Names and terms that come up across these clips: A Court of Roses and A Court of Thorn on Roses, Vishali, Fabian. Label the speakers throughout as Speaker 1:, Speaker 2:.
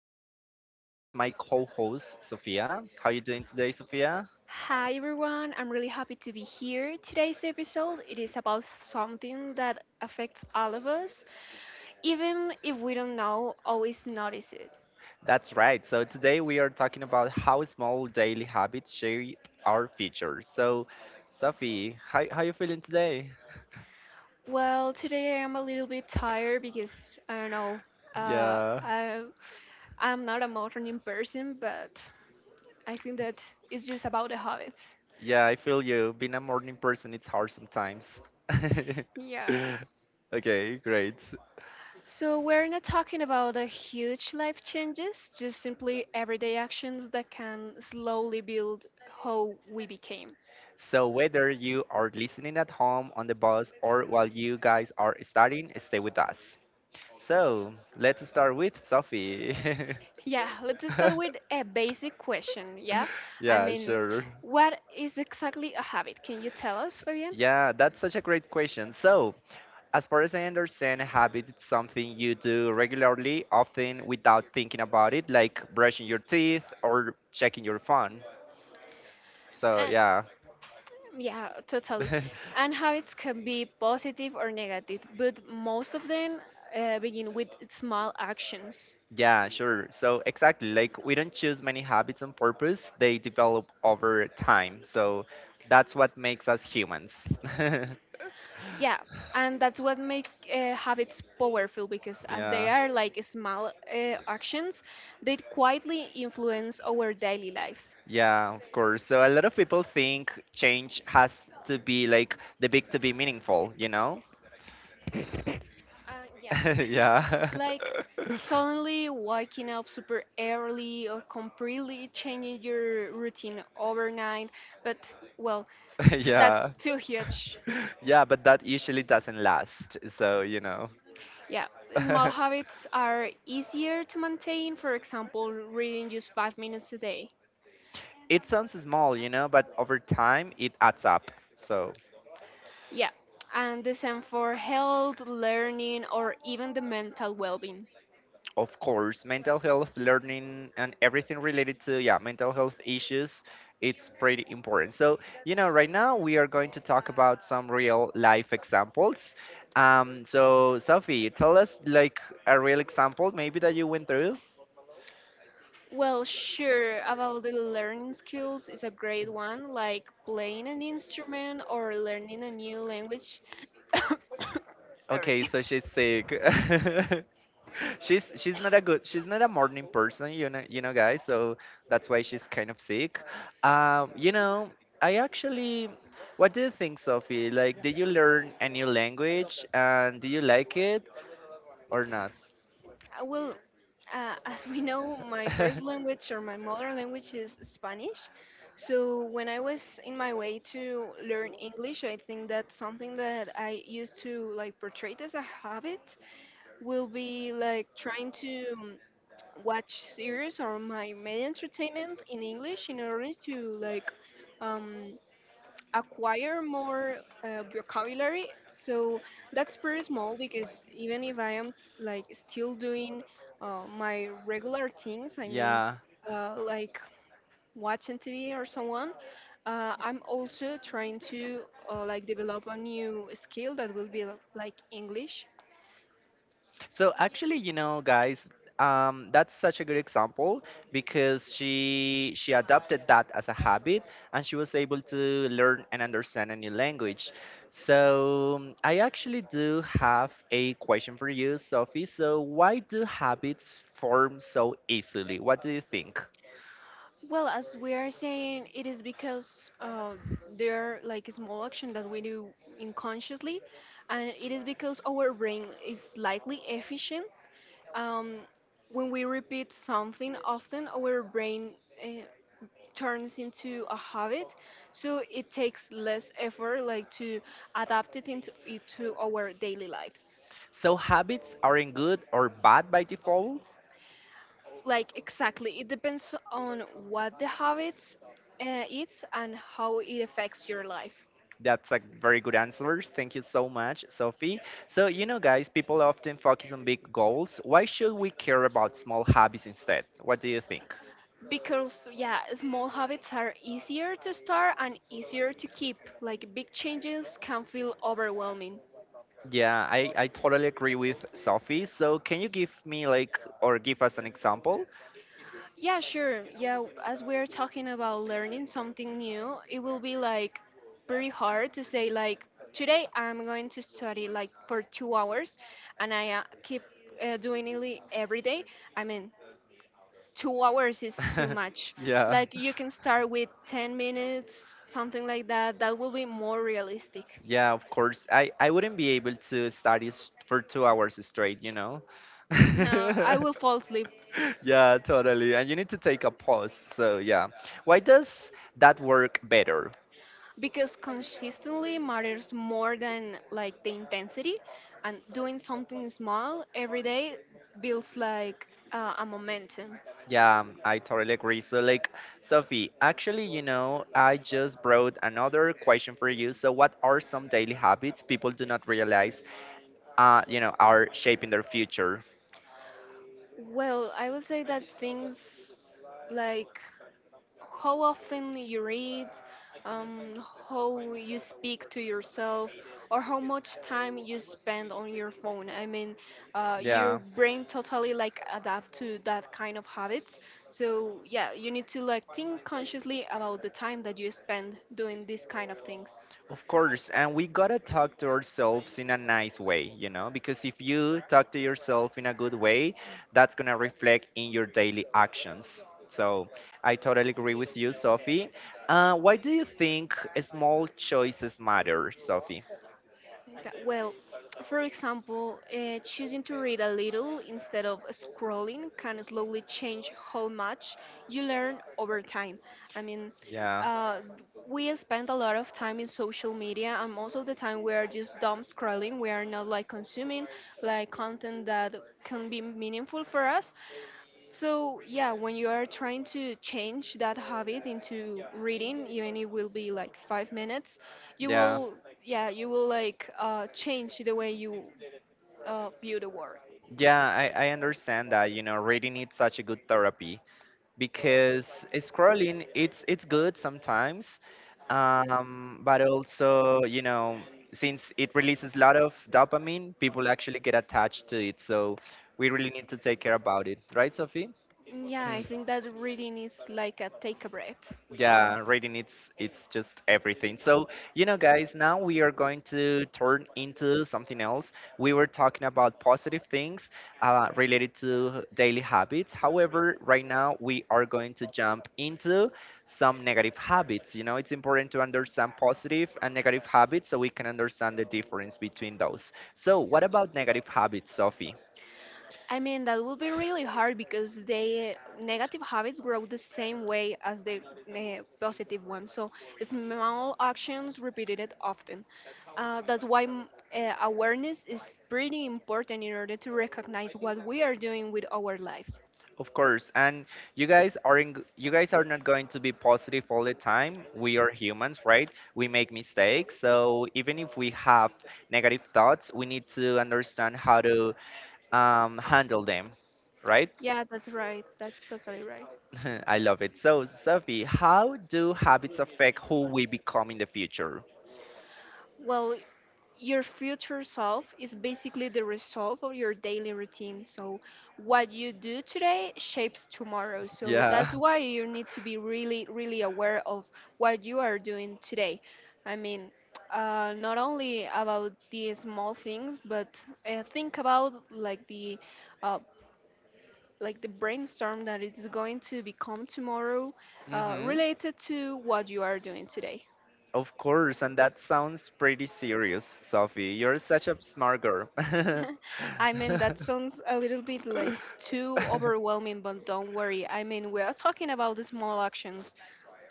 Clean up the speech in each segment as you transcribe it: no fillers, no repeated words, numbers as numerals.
Speaker 1: Fabian and I'm here with my co-host Sophia. How are you doing today, Sophia?
Speaker 2: Hi everyone, I'm really happy to be here. Today's episode it is about something that affects all of us, even if we don't know always notice it.
Speaker 1: That's right. So today we are talking about how small daily habits shape our future. So Sophie, how you feeling today?
Speaker 2: Well, today I am a little bit tired because I don't know. Uh,
Speaker 1: Yeah.
Speaker 2: I I'm not a morning person, but I think that it's just about the habits.
Speaker 1: Yeah, I feel you. Being a morning person it's hard sometimes.
Speaker 2: Yeah.
Speaker 1: Okay, great.
Speaker 2: So we're not talking about the huge life changes, just simply everyday actions that can slowly build how we became.
Speaker 1: So, whether you are listening at home, on the bus, or while you guys are studying, stay with us. So let's start with Sophie.
Speaker 2: Yeah, let's start with a basic question. Yeah, I
Speaker 1: Yeah,
Speaker 2: mean,
Speaker 1: sure.
Speaker 2: what is exactly a habit? Can you tell us, Fabian?
Speaker 1: Yeah, that's such a great question. So, as far as I understand, habit is something you do regularly, often without thinking about it, like brushing your teeth or checking your phone. So,
Speaker 2: And,
Speaker 1: yeah.
Speaker 2: yeah, totally. And habits can be positive or negative, but most of them begin with small actions.
Speaker 1: Yeah, sure. So exactly, like we don't choose many habits on purpose, they develop over time. So that's what makes us humans.
Speaker 2: Yeah, and that's what make habits powerful because as they
Speaker 1: Yeah.
Speaker 2: are like small actions, they quietly influence our daily lives.
Speaker 1: Yeah, of course. So a lot of people think change has to be like the big to be meaningful, you know?
Speaker 2: Uh, yeah.
Speaker 1: Yeah.
Speaker 2: Like suddenly waking up super early or completely changing your routine overnight. But, well, that's
Speaker 1: Yeah.
Speaker 2: too huge.
Speaker 1: Yeah, but that usually doesn't last. So, you know.
Speaker 2: Yeah, small habits are easier to maintain, for example, reading just 5 minutes a day.
Speaker 1: It sounds small, you know, but over time it adds up. So,
Speaker 2: Yeah, and the same for health, learning, or even the mental well being.
Speaker 1: of course, mental health, learning, and everything related to, yeah, mental health issues, it's pretty important. So, you know, right now we are going to talk about some real life examples. So Sophie, tell us like a real example maybe that you went through.
Speaker 2: Well, sure, about the learning skills is a great one, like playing an instrument or learning a new language.
Speaker 1: Okay, so she's sick. She's not a good she's not a morning person, you know, guys, so that's why she's kind of sick, you know. I actually, what do you think, Sophie? Like, did you learn a new language, and do you like it or not?
Speaker 2: Well, as we know, my first language or my mother language is Spanish. So when I was in my way to learn English, I think that something that I used to like portray as a habit will be like trying to watch series or my media entertainment in English in order to like um, acquire more vocabulary. So that's pretty small because even if I am like still doing my regular things, I mean,
Speaker 1: Yeah.
Speaker 2: like watching TV or someone, I'm also trying to like develop a new skill that will be like English.
Speaker 1: So actually, you know, guys, that's such a good example because she adopted that as a habit and she was able to learn and understand a new language. So I actually do have a question for you, Sophie. So why do habits form so easily? What do you think?
Speaker 2: Well, as we are saying, it is because there are like small action that we do unconsciously, and it is because our brain is slightly efficient. Um, when we repeat something often, our brain uh, turns into a habit, so it takes less effort, like to adapt it into it to our daily lives.
Speaker 1: So habits aren't good or bad by default?
Speaker 2: Like exactly, it depends on what the habits is and how it affects your life.
Speaker 1: That's a very good answer. Thank you so much, Sophie. So, you know, guys, people often focus on big goals. Why should we care about small hobbies instead? What do you think?
Speaker 2: Because yeah, small habits are easier to start and easier to keep. Like big changes can feel overwhelming.
Speaker 1: Yeah, I totally agree with Sophie. So, can you give me, like, or give us an example?
Speaker 2: Yeah, sure. Yeah, as we're talking about learning something new, it will be like pretty hard to say like today I'm going to study like for 2 hours and I keep every day. I mean, 2 hours is too much.
Speaker 1: Yeah.
Speaker 2: Like you can start with 10 minutes, something like that. That will be more realistic.
Speaker 1: Yeah, of course. I wouldn't be able to study for 2 hours straight, you know.
Speaker 2: Now, I will fall asleep.
Speaker 1: Yeah, totally. And you need to take a pause. So yeah, why does that work better?
Speaker 2: Because consistently matters more than like the intensity and doing something small every day builds like a momentum.
Speaker 1: Yeah, I totally agree. So like, Sophie, actually, you know, I just brought another question for you. So what are some daily habits people do not realize, you know, are shaping their future?
Speaker 2: Well, I would say that things like how often you read, um, how you speak to yourself, or how much time you spend on your phone. I mean, your
Speaker 1: Yeah.
Speaker 2: brain totally like adapt to that kind of habits. So yeah, you need to like think consciously about the time that you spend doing these kind of things.
Speaker 1: Of course, and we gotta talk to ourselves in a nice way, you know, because if you talk to yourself in a good way, that's gonna reflect in your daily actions. So I totally agree with you, Sophie. Why do you think small choices matter, Sophie?
Speaker 2: That, well, for example, choosing to read a little instead of scrolling can slowly change how much you learn over time. I mean,
Speaker 1: Yeah,
Speaker 2: uh, we spend a lot of time in social media, and most of the time we are just dumb scrolling. We are not like consuming like content that can be meaningful for us. So, yeah, when you are trying to change that habit into reading, even it will be like 5 minutes,
Speaker 1: yeah,
Speaker 2: you will like change the way you view the world.
Speaker 1: yeah. I understand that. You know, reading is such a good therapy, because scrolling, it's good sometimes, but also, you know, since it releases a lot of dopamine, people actually get attached to it. So we really need to take care about it, right, Sophie?
Speaker 2: Mm, yeah, I think that reading is like a take a breath. Uh,
Speaker 1: Yeah, reading, it's just everything. So, you know, guys, now we are going to turn into something else. We were talking about positive things related to daily habits. However, right now we are going to jump into some negative habits. You know, it's important to understand positive and negative habits so we can understand the difference between those. So, what about negative habits, Sophie?
Speaker 2: I mean, that would be really hard because the negative habits grow the same way as the positive ones. So, small actions repeated it often. That's why awareness is pretty important in order to recognize what we are doing with our lives.
Speaker 1: Of course, and you guys aren't g- you guys are not going to be positive all the time. We are humans, right? We make mistakes. So even if we have negative thoughts, we need to understand how to handle them, right?
Speaker 2: Yeah, that's right. That's totally right.
Speaker 1: I love it. So, Sophie, how do habits affect who we become in the future?
Speaker 2: Well, your future self is basically the result of your daily routine. So, what you do today shapes tomorrow. So, that's
Speaker 1: Yeah.
Speaker 2: why you need to be really, really aware of what you are doing today. I mean, not only about the small things, but think about uh, like the brainstorm that it's going to become tomorrow,
Speaker 1: Mm-hmm.
Speaker 2: related to what you are doing today.
Speaker 1: Of course, and that sounds pretty serious, Sophie. You're such a smart girl.
Speaker 2: I mean, that sounds a little bit like too overwhelming, but don't worry. I mean, we are talking about the small actions.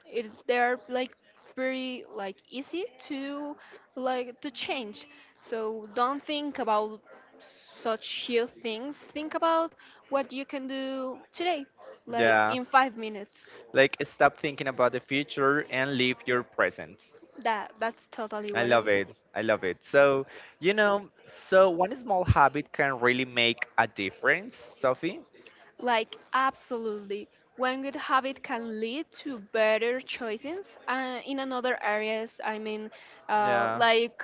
Speaker 2: It, they're like pretty like easy to like to change. So don't think about such huge things. Think about what you can do today, like
Speaker 1: Yeah.
Speaker 2: in 5 minutes.
Speaker 1: Like stop thinking about the future and live your present.
Speaker 2: That that's totally
Speaker 1: I
Speaker 2: what I
Speaker 1: love it.
Speaker 2: will.
Speaker 1: I love it. So, you know, so one small habit can really make a difference, Sophie.
Speaker 2: Like, absolutely. One good habit can lead to better choices in another areas. Uh,
Speaker 1: Yeah.
Speaker 2: like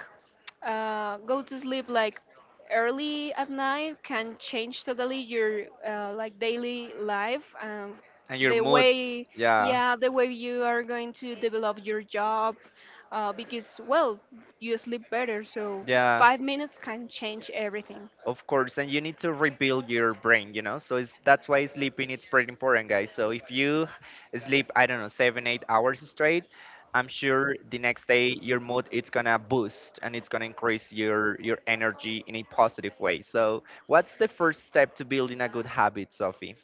Speaker 2: go to sleep like early at night can change totally your like daily life and
Speaker 1: And your
Speaker 2: the
Speaker 1: mood.
Speaker 2: way,
Speaker 1: Yeah.
Speaker 2: yeah, the way you are going to develop your job. Because you sleep better, so
Speaker 1: Yeah.
Speaker 2: 5 minutes can change everything.
Speaker 1: Of course, and you need to rebuild your brain, you know. So it's that's why sleeping it's pretty important, guys. So if you sleep, I don't know, seven, 8 hours straight, I'm sure the next day your mood it's gonna boost and it's gonna increase your energy in a positive way. So what's the first step to building a good habit, Sophie?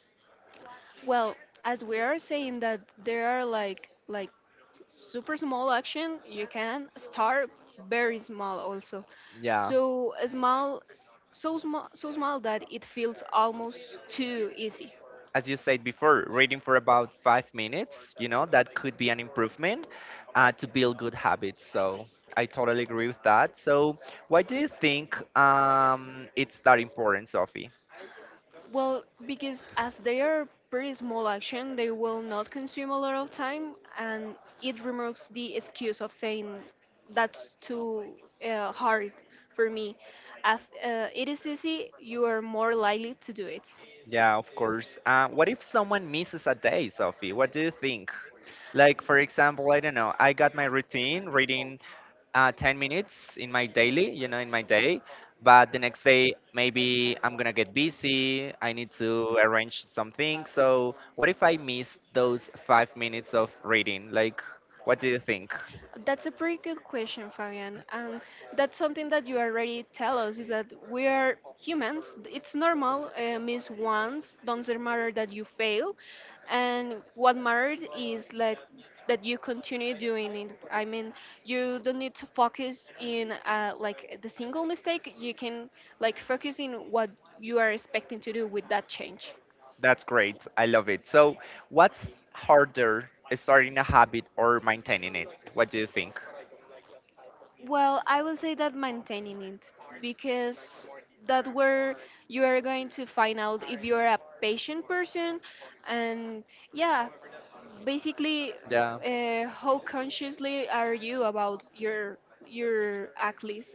Speaker 2: Well, as we are saying that there are like super small action you can start very small also,
Speaker 1: Yeah.
Speaker 2: so a small that it feels almost too easy.
Speaker 1: As you said before, reading for about 5 minutes, you know, that could be an improvement to build good habits. So I totally agree with that. So why do you think it's that important, Sophie?
Speaker 2: Well, because as they are pretty small action they will not consume a lot of time and it removes the excuse of saying that's too hard for me. As it is easy you are more likely to do it.
Speaker 1: Yeah, of course. What if someone misses a day, Sophie? What do you think? Like, for example, I don't know, I got my routine reading 10 minutes in my daily, you know, in my day. But the next day, maybe I'm gonna get busy. I need to arrange something. So, what if I miss those 5 minutes of reading? Like, what do you think?
Speaker 2: That's a pretty good question, Fabian. And that's something that you already tell us is that we are humans. It's normal, miss once, doesn't matter that you fail. And what matters is like that you continue doing it. I mean, you don't need to focus in like the single mistake. You can like focus in what you are expecting to do with that change.
Speaker 1: That's great. I love it. So, what's harder, starting a habit or maintaining it? What do you think?
Speaker 2: Well, I will say that maintaining it, because that where you are going to find out if you are a patient person and yeah, basically
Speaker 1: Yeah.
Speaker 2: how consciously are you about your athletes.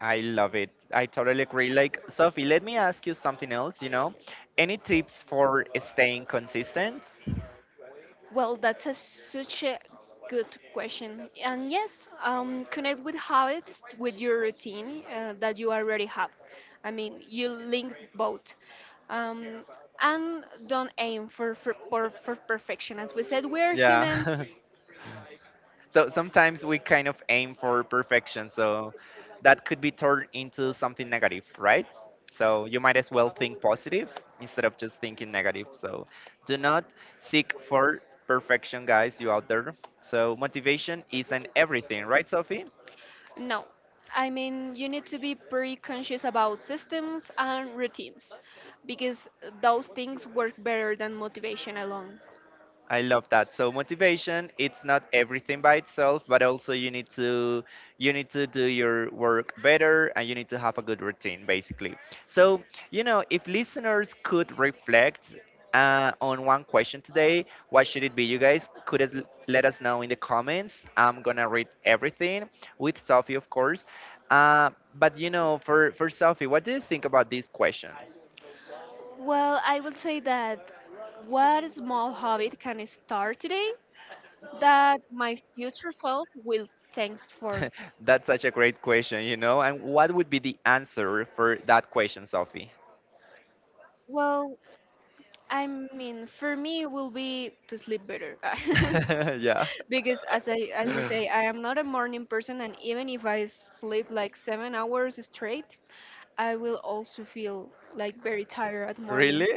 Speaker 1: I love it. I totally agree. Like, Sophie, let me ask you something else, you know? Any tips for staying consistent?
Speaker 2: Well, that's a, such a good question. And yes, connect with habits with your routine that you already have. I mean, you link both. Um, and don't aim for perfection. As we said, we're humans.
Speaker 1: Yeah. So sometimes we kind of aim for perfection, so that could be turned into something negative, right? So you might as well think positive instead of just thinking negative. So do not seek for perfection, guys, you out there. So motivation isn't everything, right, Sophie?
Speaker 2: No. I mean, you need to be pretty conscious about systems and routines because those things work better than motivation alone.
Speaker 1: I love that. So motivation, it's not everything by itself, but also you need to do your work better and you need to have a good routine basically. So, you know, if listeners could reflect on one question today, what should it be? You guys could let us know in the comments. I'm going to read everything with Sophie, of course. Uh, but you know, for Sophie, what do you think about this question?
Speaker 2: Well, I would say that what small habit can I start today that my future self will thanks for?
Speaker 1: That's such a great question, you know. And what would be the answer for that question, Sophie?
Speaker 2: Well, I mean, for me, it will be to sleep better.
Speaker 1: Yeah.
Speaker 2: Because as I as we say, I am not a morning person, and even if I sleep like 7 hours straight, I will also feel like very tired at morning.
Speaker 1: Really?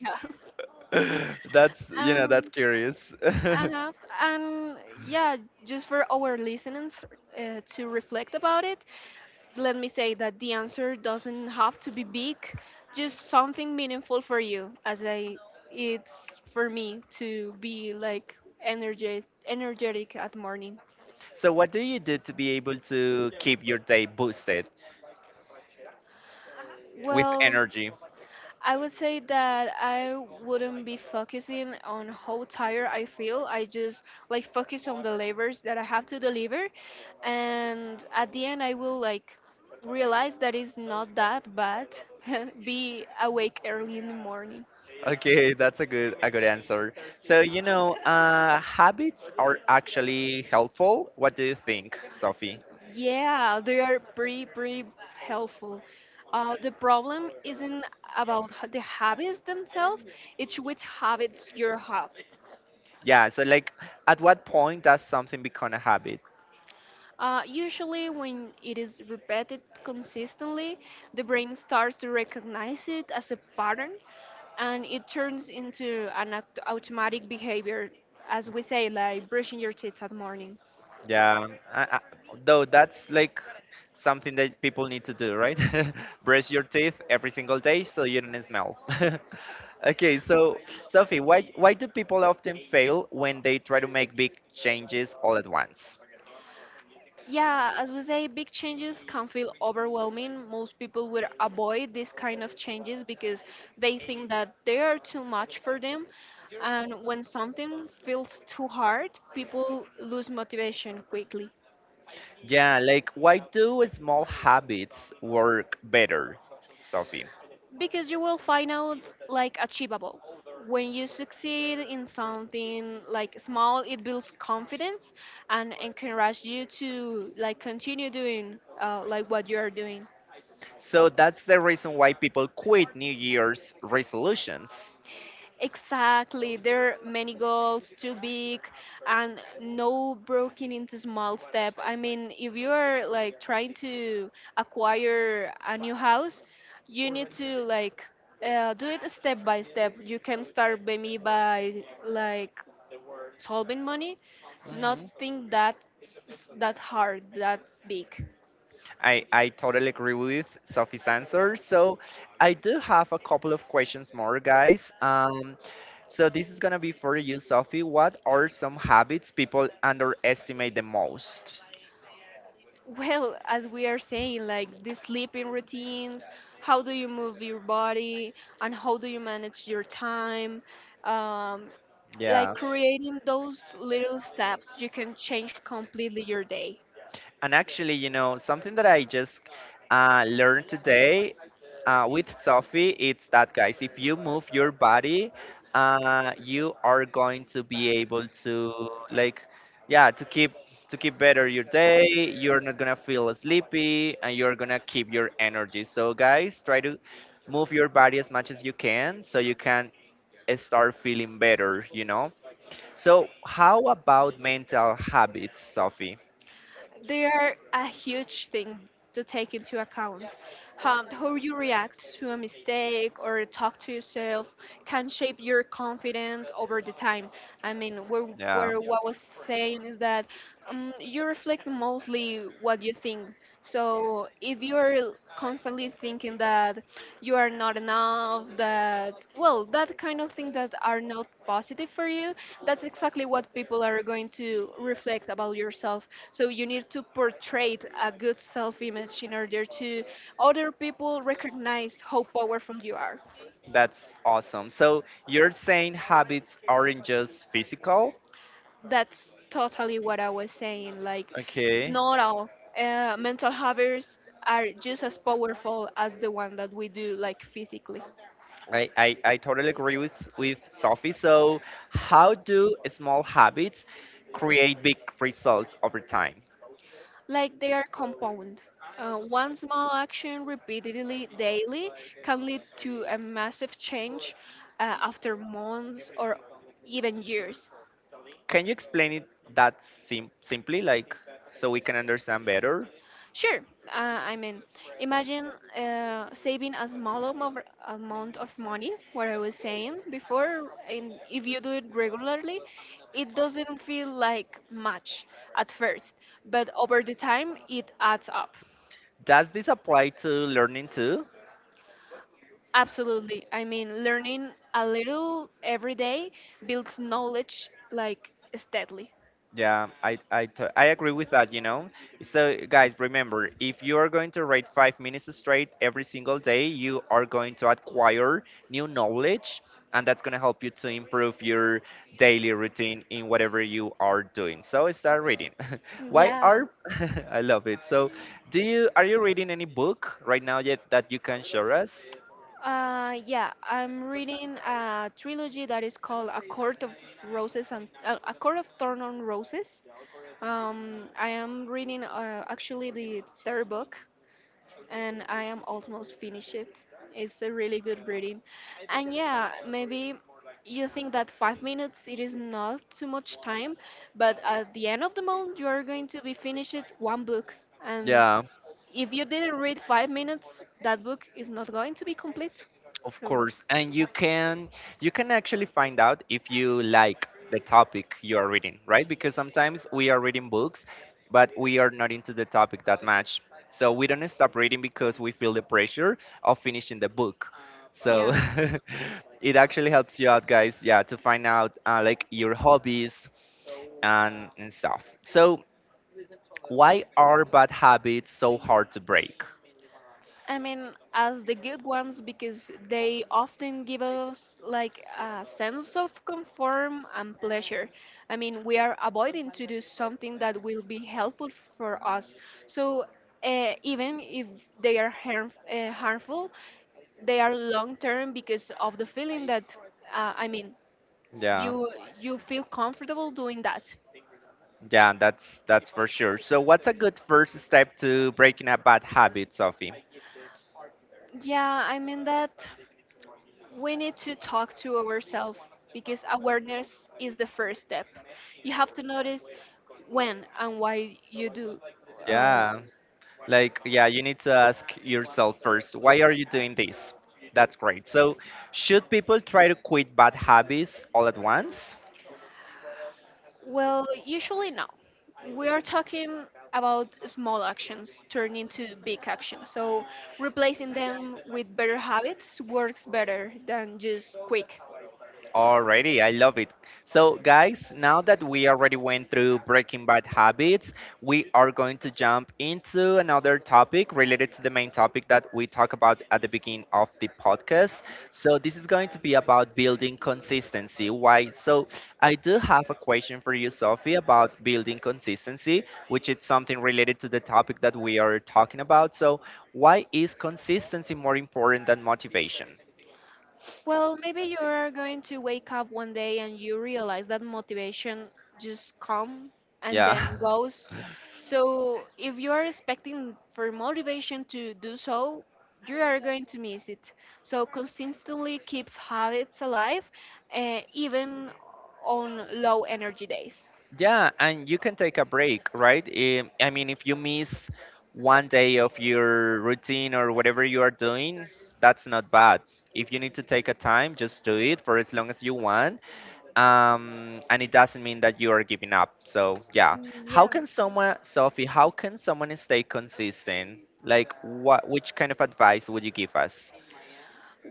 Speaker 2: Yeah.
Speaker 1: That's, you know, that's
Speaker 2: Um,
Speaker 1: curious.
Speaker 2: uh-huh. And yeah, just for our listeners to reflect about it, let me say that the answer doesn't have to be big, just something meaningful for you. As I, it's for me to be like energetic, energetic at morning.
Speaker 1: So what do you do to be able to keep your day boosted with
Speaker 2: Well,
Speaker 1: energy?
Speaker 2: I would say that I wouldn't be focusing on how tired I feel. I just like focus on the labors that I have to deliver, and at the end, I will like realize that it's not that bad. Be awake early in the morning.
Speaker 1: Okay, that's a good answer. So you know, habits are actually helpful. What do you think, Sophie?
Speaker 2: Yeah, they are pretty, pretty helpful. The problem isn't about the habits themselves, it's which habits you have.
Speaker 1: Yeah. So like, at what point does something become a habit?
Speaker 2: Usually, when it is repeated consistently, the brain starts to recognize it as a pattern and it turns into an automatic behavior, as we say, like brushing your teeth at morning.
Speaker 1: Yeah, I, I, though that's like something that people need to do, right? Brush your teeth every single day so you don't smell. Okay, so Sophie, why do people often fail when they try to make big changes all at once?
Speaker 2: Yeah, as we say, big changes can feel overwhelming. Most people will avoid these kind of changes because they think that they are too much for them. And when something feels too hard, people lose motivation quickly
Speaker 1: Yeah, like why do small habits work better, Sophie?
Speaker 2: because you will find out like achievable. When you succeed in something like small, it builds confidence and encourages you to like continue doing like what you are doing.
Speaker 1: So that's the reason why people quit New Year's resolutions.
Speaker 2: Exactly. There are many goals, too big, and no broken into small step. I mean, if you are like trying to acquire a new house, you need to like do it step by step. You can start maybe by like solving money, not
Speaker 1: Mhm.
Speaker 2: think that that hard, that big.
Speaker 1: I totally agree with Sophie's answer. So I do have a couple of questions more, guys. So this is gonna be for you, Sophie. What are some habits people underestimate the most?
Speaker 2: Well, as we are saying, like the sleeping routines, how do you move your body, and how do you manage your time? Um, like
Speaker 1: Yeah.
Speaker 2: creating those little steps, you can change completely your day.
Speaker 1: And actually, you know, something that I just learned today with Sophie, it's that, guys, if you move your body, you are going to be able to, like, yeah, to keep better your day. You're not gonna feel sleepy, and you're gonna keep your energy. So, guys, try to move your body as much as you can, so you can start feeling better. You know. So, how about mental habits, Sophie?
Speaker 2: They are a huge thing to take into account. How you react to a mistake or talk to yourself can shape your confidence over the time. I mean, where,
Speaker 1: Yeah.
Speaker 2: where what I was saying is that you reflect mostly what you think. So if you're constantly thinking that you are not enough, that, well, that kind of things that are not positive for you, that's exactly what people are going to reflect about yourself, so you need to portray a good self-image in order to other people recognize how powerful you are.
Speaker 1: That's awesome. So you're saying habits aren't just physical?
Speaker 2: That's totally what I was saying. Like,
Speaker 1: Okay.
Speaker 2: not all mental habits are just as powerful as the one that we do, like physically.
Speaker 1: I totally agree with Sophie. So, how do small habits create big results over time?
Speaker 2: Like they are compound. One small action repeatedly daily can lead to a massive change after months or even years.
Speaker 1: Can you explain it that simply, like, so we can understand better?
Speaker 2: Sure. I mean, imagine saving a small amount of money, what I was saying before, and if you do it regularly, it doesn't feel like much at first, but over the time, it adds up.
Speaker 1: Does this apply to learning too?
Speaker 2: Absolutely. I mean, learning a little every day builds knowledge like steadily.
Speaker 1: Yeah, I agree with that, you know. So guys, remember, if you are going to read 5 minutes straight every single day, you are going to acquire new knowledge and that's going to help you to improve your daily routine in whatever you are doing. So start reading. Why
Speaker 2: Yeah,
Speaker 1: are I love it. So, do you are you reading any book right now yet that you can share us?
Speaker 2: yeah. I'm reading a trilogy that is called A Court of Roses and A Court of Thorn on Roses. I am reading actually the third book, and I am almost finished it. It's a really good reading, and yeah, maybe you think that 5 minutes it is not too much time, but at the end of the month you are going to be finished one book, and
Speaker 1: Yeah.
Speaker 2: if you didn't read 5 minutes, that book is not going to be complete.
Speaker 1: Of
Speaker 2: So,
Speaker 1: course, and you can actually find out if you like the topic you are reading, right? Because sometimes we are reading books, but we are not into the topic that much. So we don't stop reading because we feel the pressure of finishing the book. So
Speaker 2: yeah.
Speaker 1: it actually helps you out, guys. Yeah, to find out like your hobbies and stuff. So why are bad habits so hard to break?
Speaker 2: I mean, as the good ones, because they often give us like a sense of conform and pleasure. I mean, we are avoiding to do something that will be helpful for us. So, even if they are harmful, they are long term because of the feeling that, I mean,
Speaker 1: Yeah.
Speaker 2: you you feel comfortable doing that.
Speaker 1: Yeah, that's for sure. So what's a good first step to breaking a bad habit, Sophie?
Speaker 2: Yeah, I mean that we need to talk to ourselves because awareness is the first step. You have to notice when and why you do. Uh,
Speaker 1: Yeah. Like yeah, you need to ask yourself first, why are you doing this? That's great. So should people try to quit bad habits all at once?
Speaker 2: well, usually no. We are talking about small actions turn into big actions. So replacing them with better habits works better than just quick.
Speaker 1: Alrighty, I love it. So, guys, now that we already went through breaking bad habits, we are going to jump into another topic related to the main topic that we talked about at the beginning of the podcast. So, this is going to be about building consistency. Why? So, I do have a question for you, Sophie, about building consistency, which is something related to the topic that we are talking about. So, why is consistency more important than motivation?
Speaker 2: Well, maybe you are going to wake up one day and you realize that motivation just come, and yeah,
Speaker 1: Yeah.
Speaker 2: then goes. So if you are expecting for motivation to do so, you are going to miss it. So consistently keeps habits alive, even on low energy days.
Speaker 1: Yeah, and you can take a break, right? I mean, if you miss one day of your routine or whatever you are doing, that's not bad. If you need to take a time, just do it for as long as you want. And it doesn't mean that you are giving up. So, yeah.
Speaker 2: Mm,
Speaker 1: How
Speaker 2: yeah.
Speaker 1: can someone, Sophie, how can someone stay consistent? Like, what, which kind of advice would you give us?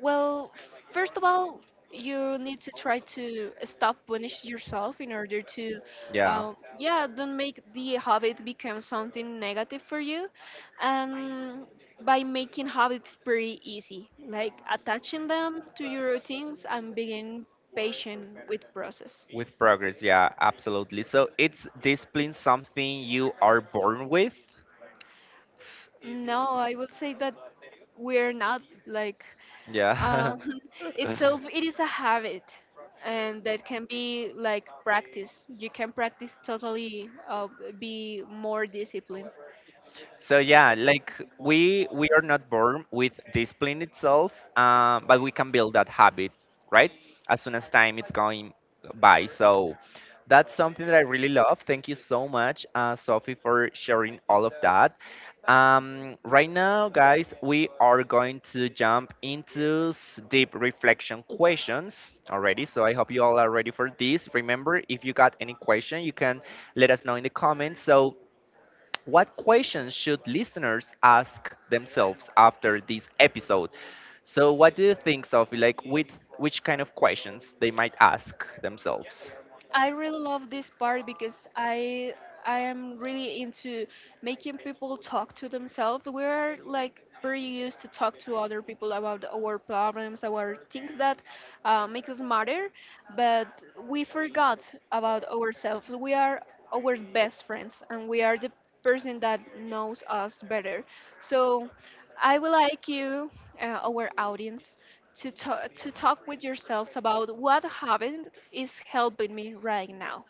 Speaker 2: Well, first of all, you need to try to stop punish yourself in order to,
Speaker 1: Yeah,
Speaker 2: yeah, don't make the habit become something negative for you, and by making habits pretty easy, like attaching them to your routines and being patient with process.
Speaker 1: with progress. Yeah, absolutely. So, it's discipline something you are born with?
Speaker 2: No, I would say that we're not like
Speaker 1: Yeah.
Speaker 2: um, itself. It is a habit, and that can be like practice. You can practice totally, be more disciplined.
Speaker 1: So yeah, like we are not born with discipline itself, but we can build that habit, right? As soon as time it's going by. So that's something that I really love. Thank you so much, Sophie, for sharing all of that. Right now, guys, we are going to jump into deep reflection questions already. So I hope you all are ready for this. Remember, if you got any question, you can let us know in the comments. So what questions should listeners ask themselves after this episode? So, what do you think, Sophie? Like, with which kind of questions they might ask themselves?
Speaker 2: I really love this part because I am really into making people talk to themselves. We're like very used to talk to other people about our problems, our things that make us matter, but we forgot about ourselves. We are our best friends, and we are the person that knows us better. So I would like you, our audience, to talk with yourselves about what habit is helping me right now.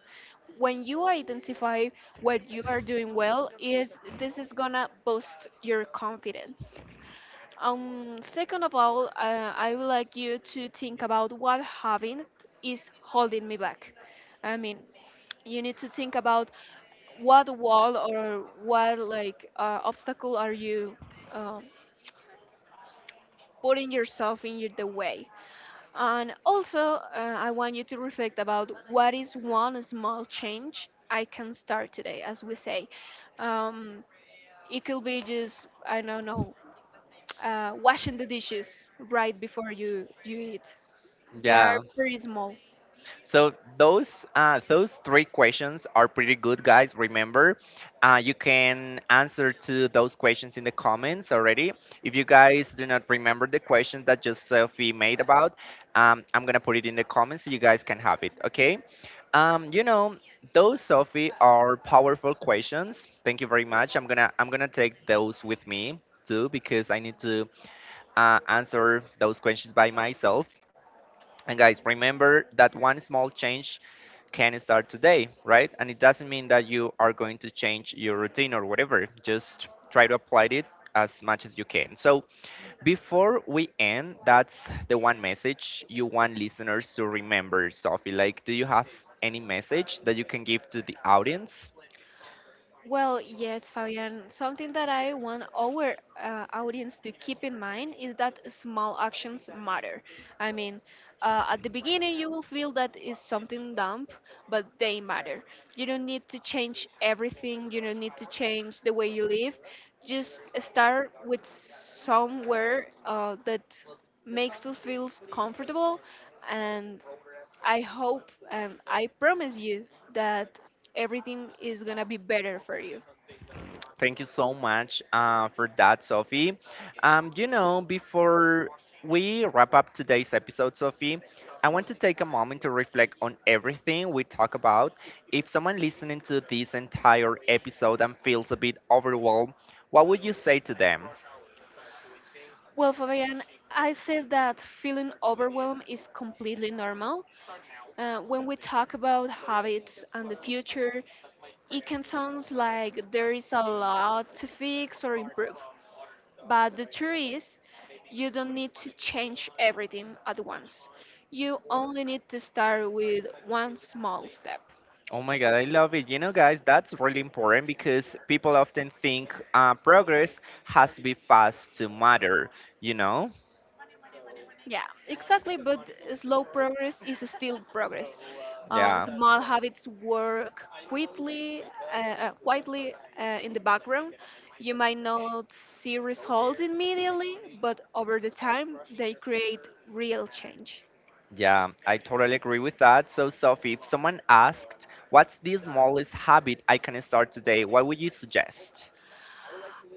Speaker 2: When you identify what you are doing well, is this is gonna boost your confidence. Second of all, I would like you to think about what habit is holding me back. I mean, you need to think about what wall or what like obstacle are you uh, putting yourself in the way. And also, I want you to reflect about what is one small change I can start today, as we say. Um, it could be just, I don't know, washing the dishes right before you eat. They are
Speaker 1: Yeah.
Speaker 2: pretty small.
Speaker 1: So those three questions are pretty good, guys. Remember, you can answer to those questions in the comments already. If you guys do not remember the question that just Sophie made about, I'm gonna put it in the comments so you guys can have it. Okay. You know, those Sophie are powerful questions. Thank you very much. I'm gonna take those with me too because I need to answer those questions by myself. And guys, remember that one small change can start today, right? And it doesn't mean that you are going to change your routine or whatever. Just try to apply it as much as you can. So, before we end, that's the one message you want listeners to remember, Sophie. Like, do you have any message that you can give to the audience?
Speaker 2: Well, yes, Fabian. Something that I want our audience to keep in mind is that small actions matter. I mean, at the beginning, you will feel that is something dumb, but they matter. You don't need to change everything, you don't need to change the way you live. Just start with somewhere that makes you feel comfortable, and I hope and I promise you that everything is gonna be better for you.
Speaker 1: Thank you so much for that, Sophie. You know, before we wrap up today's episode, Sophie, I want to take a moment to reflect on everything we talk about. If someone listening to this entire episode and feels a bit overwhelmed, what would you say to them?
Speaker 2: Well, Fabian, I say that feeling overwhelmed is completely normal. When we talk about habits and the future, it can sound like there is a lot to fix or improve. But the truth is, you don't need to change everything at once. You only need to start with one small step.
Speaker 1: Oh my God, I love it. You know, guys, that's really important because people often think progress has to be fast to matter, you know?
Speaker 2: Yeah, exactly. But slow progress is still progress.
Speaker 1: Yeah.
Speaker 2: Small habits work quickly, quietly in the background. You might not see results immediately, but over the time, they create real change.
Speaker 1: Yeah, I totally agree with that. So, Sophie, if someone asked, what's the smallest habit I can start today, what would you suggest?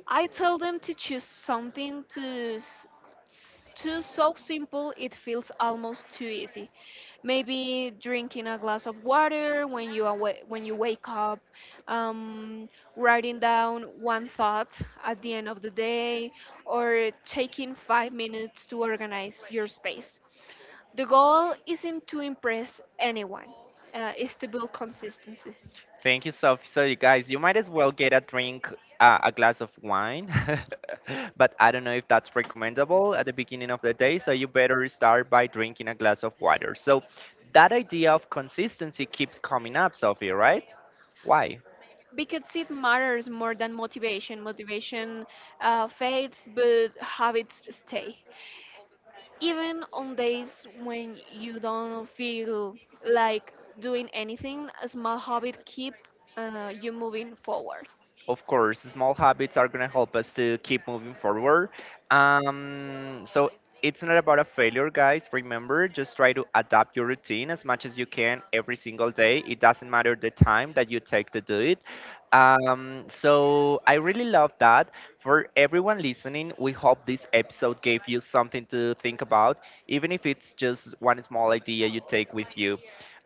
Speaker 2: I tell them to choose something to s- s- too so simple it feels almost too easy. Maybe drinking a glass of water when you awa when you wake up, um, writing down one thought at the end of the day, or taking 5 minutes to organize your space. The goal isn't to impress anyone, is to build consistency
Speaker 1: Thank you, Sophie. So, you guys, you might as well get a drink, a glass of wine. But I don't know if that's recommendable at the beginning of the day. So, you better start by drinking a glass of water. So, that idea of consistency keeps coming up, Sophie, right? Why?
Speaker 2: because it matters more than motivation. Motivation fades, but habits stay. Even on days when you don't feel like doing anything, a small habit keep you moving forward.
Speaker 1: Of course, small habits are going to help us to keep moving forward. So it's not about a failure, guys. Remember, just try to adapt your routine as much as you can every single day. It doesn't matter the time that you take to do it. So I really love that. For everyone listening, we hope this episode gave you something to think about, even if it's just one small idea you take with you.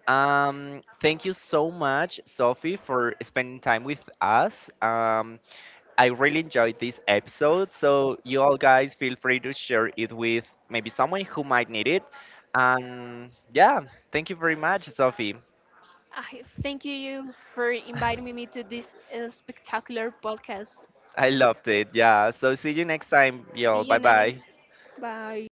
Speaker 1: Thank you so much, Sophie, for spending time with us. I really enjoyed this episode. So, you all guys feel free to share it with maybe someone who might need it. Yeah, thank you very much, Sophie.
Speaker 2: I thank you for inviting me to this spectacular podcast.
Speaker 1: I loved it. Yeah. So, see you next time, y'all.
Speaker 2: See you
Speaker 1: Bye bye.
Speaker 2: next. Bye.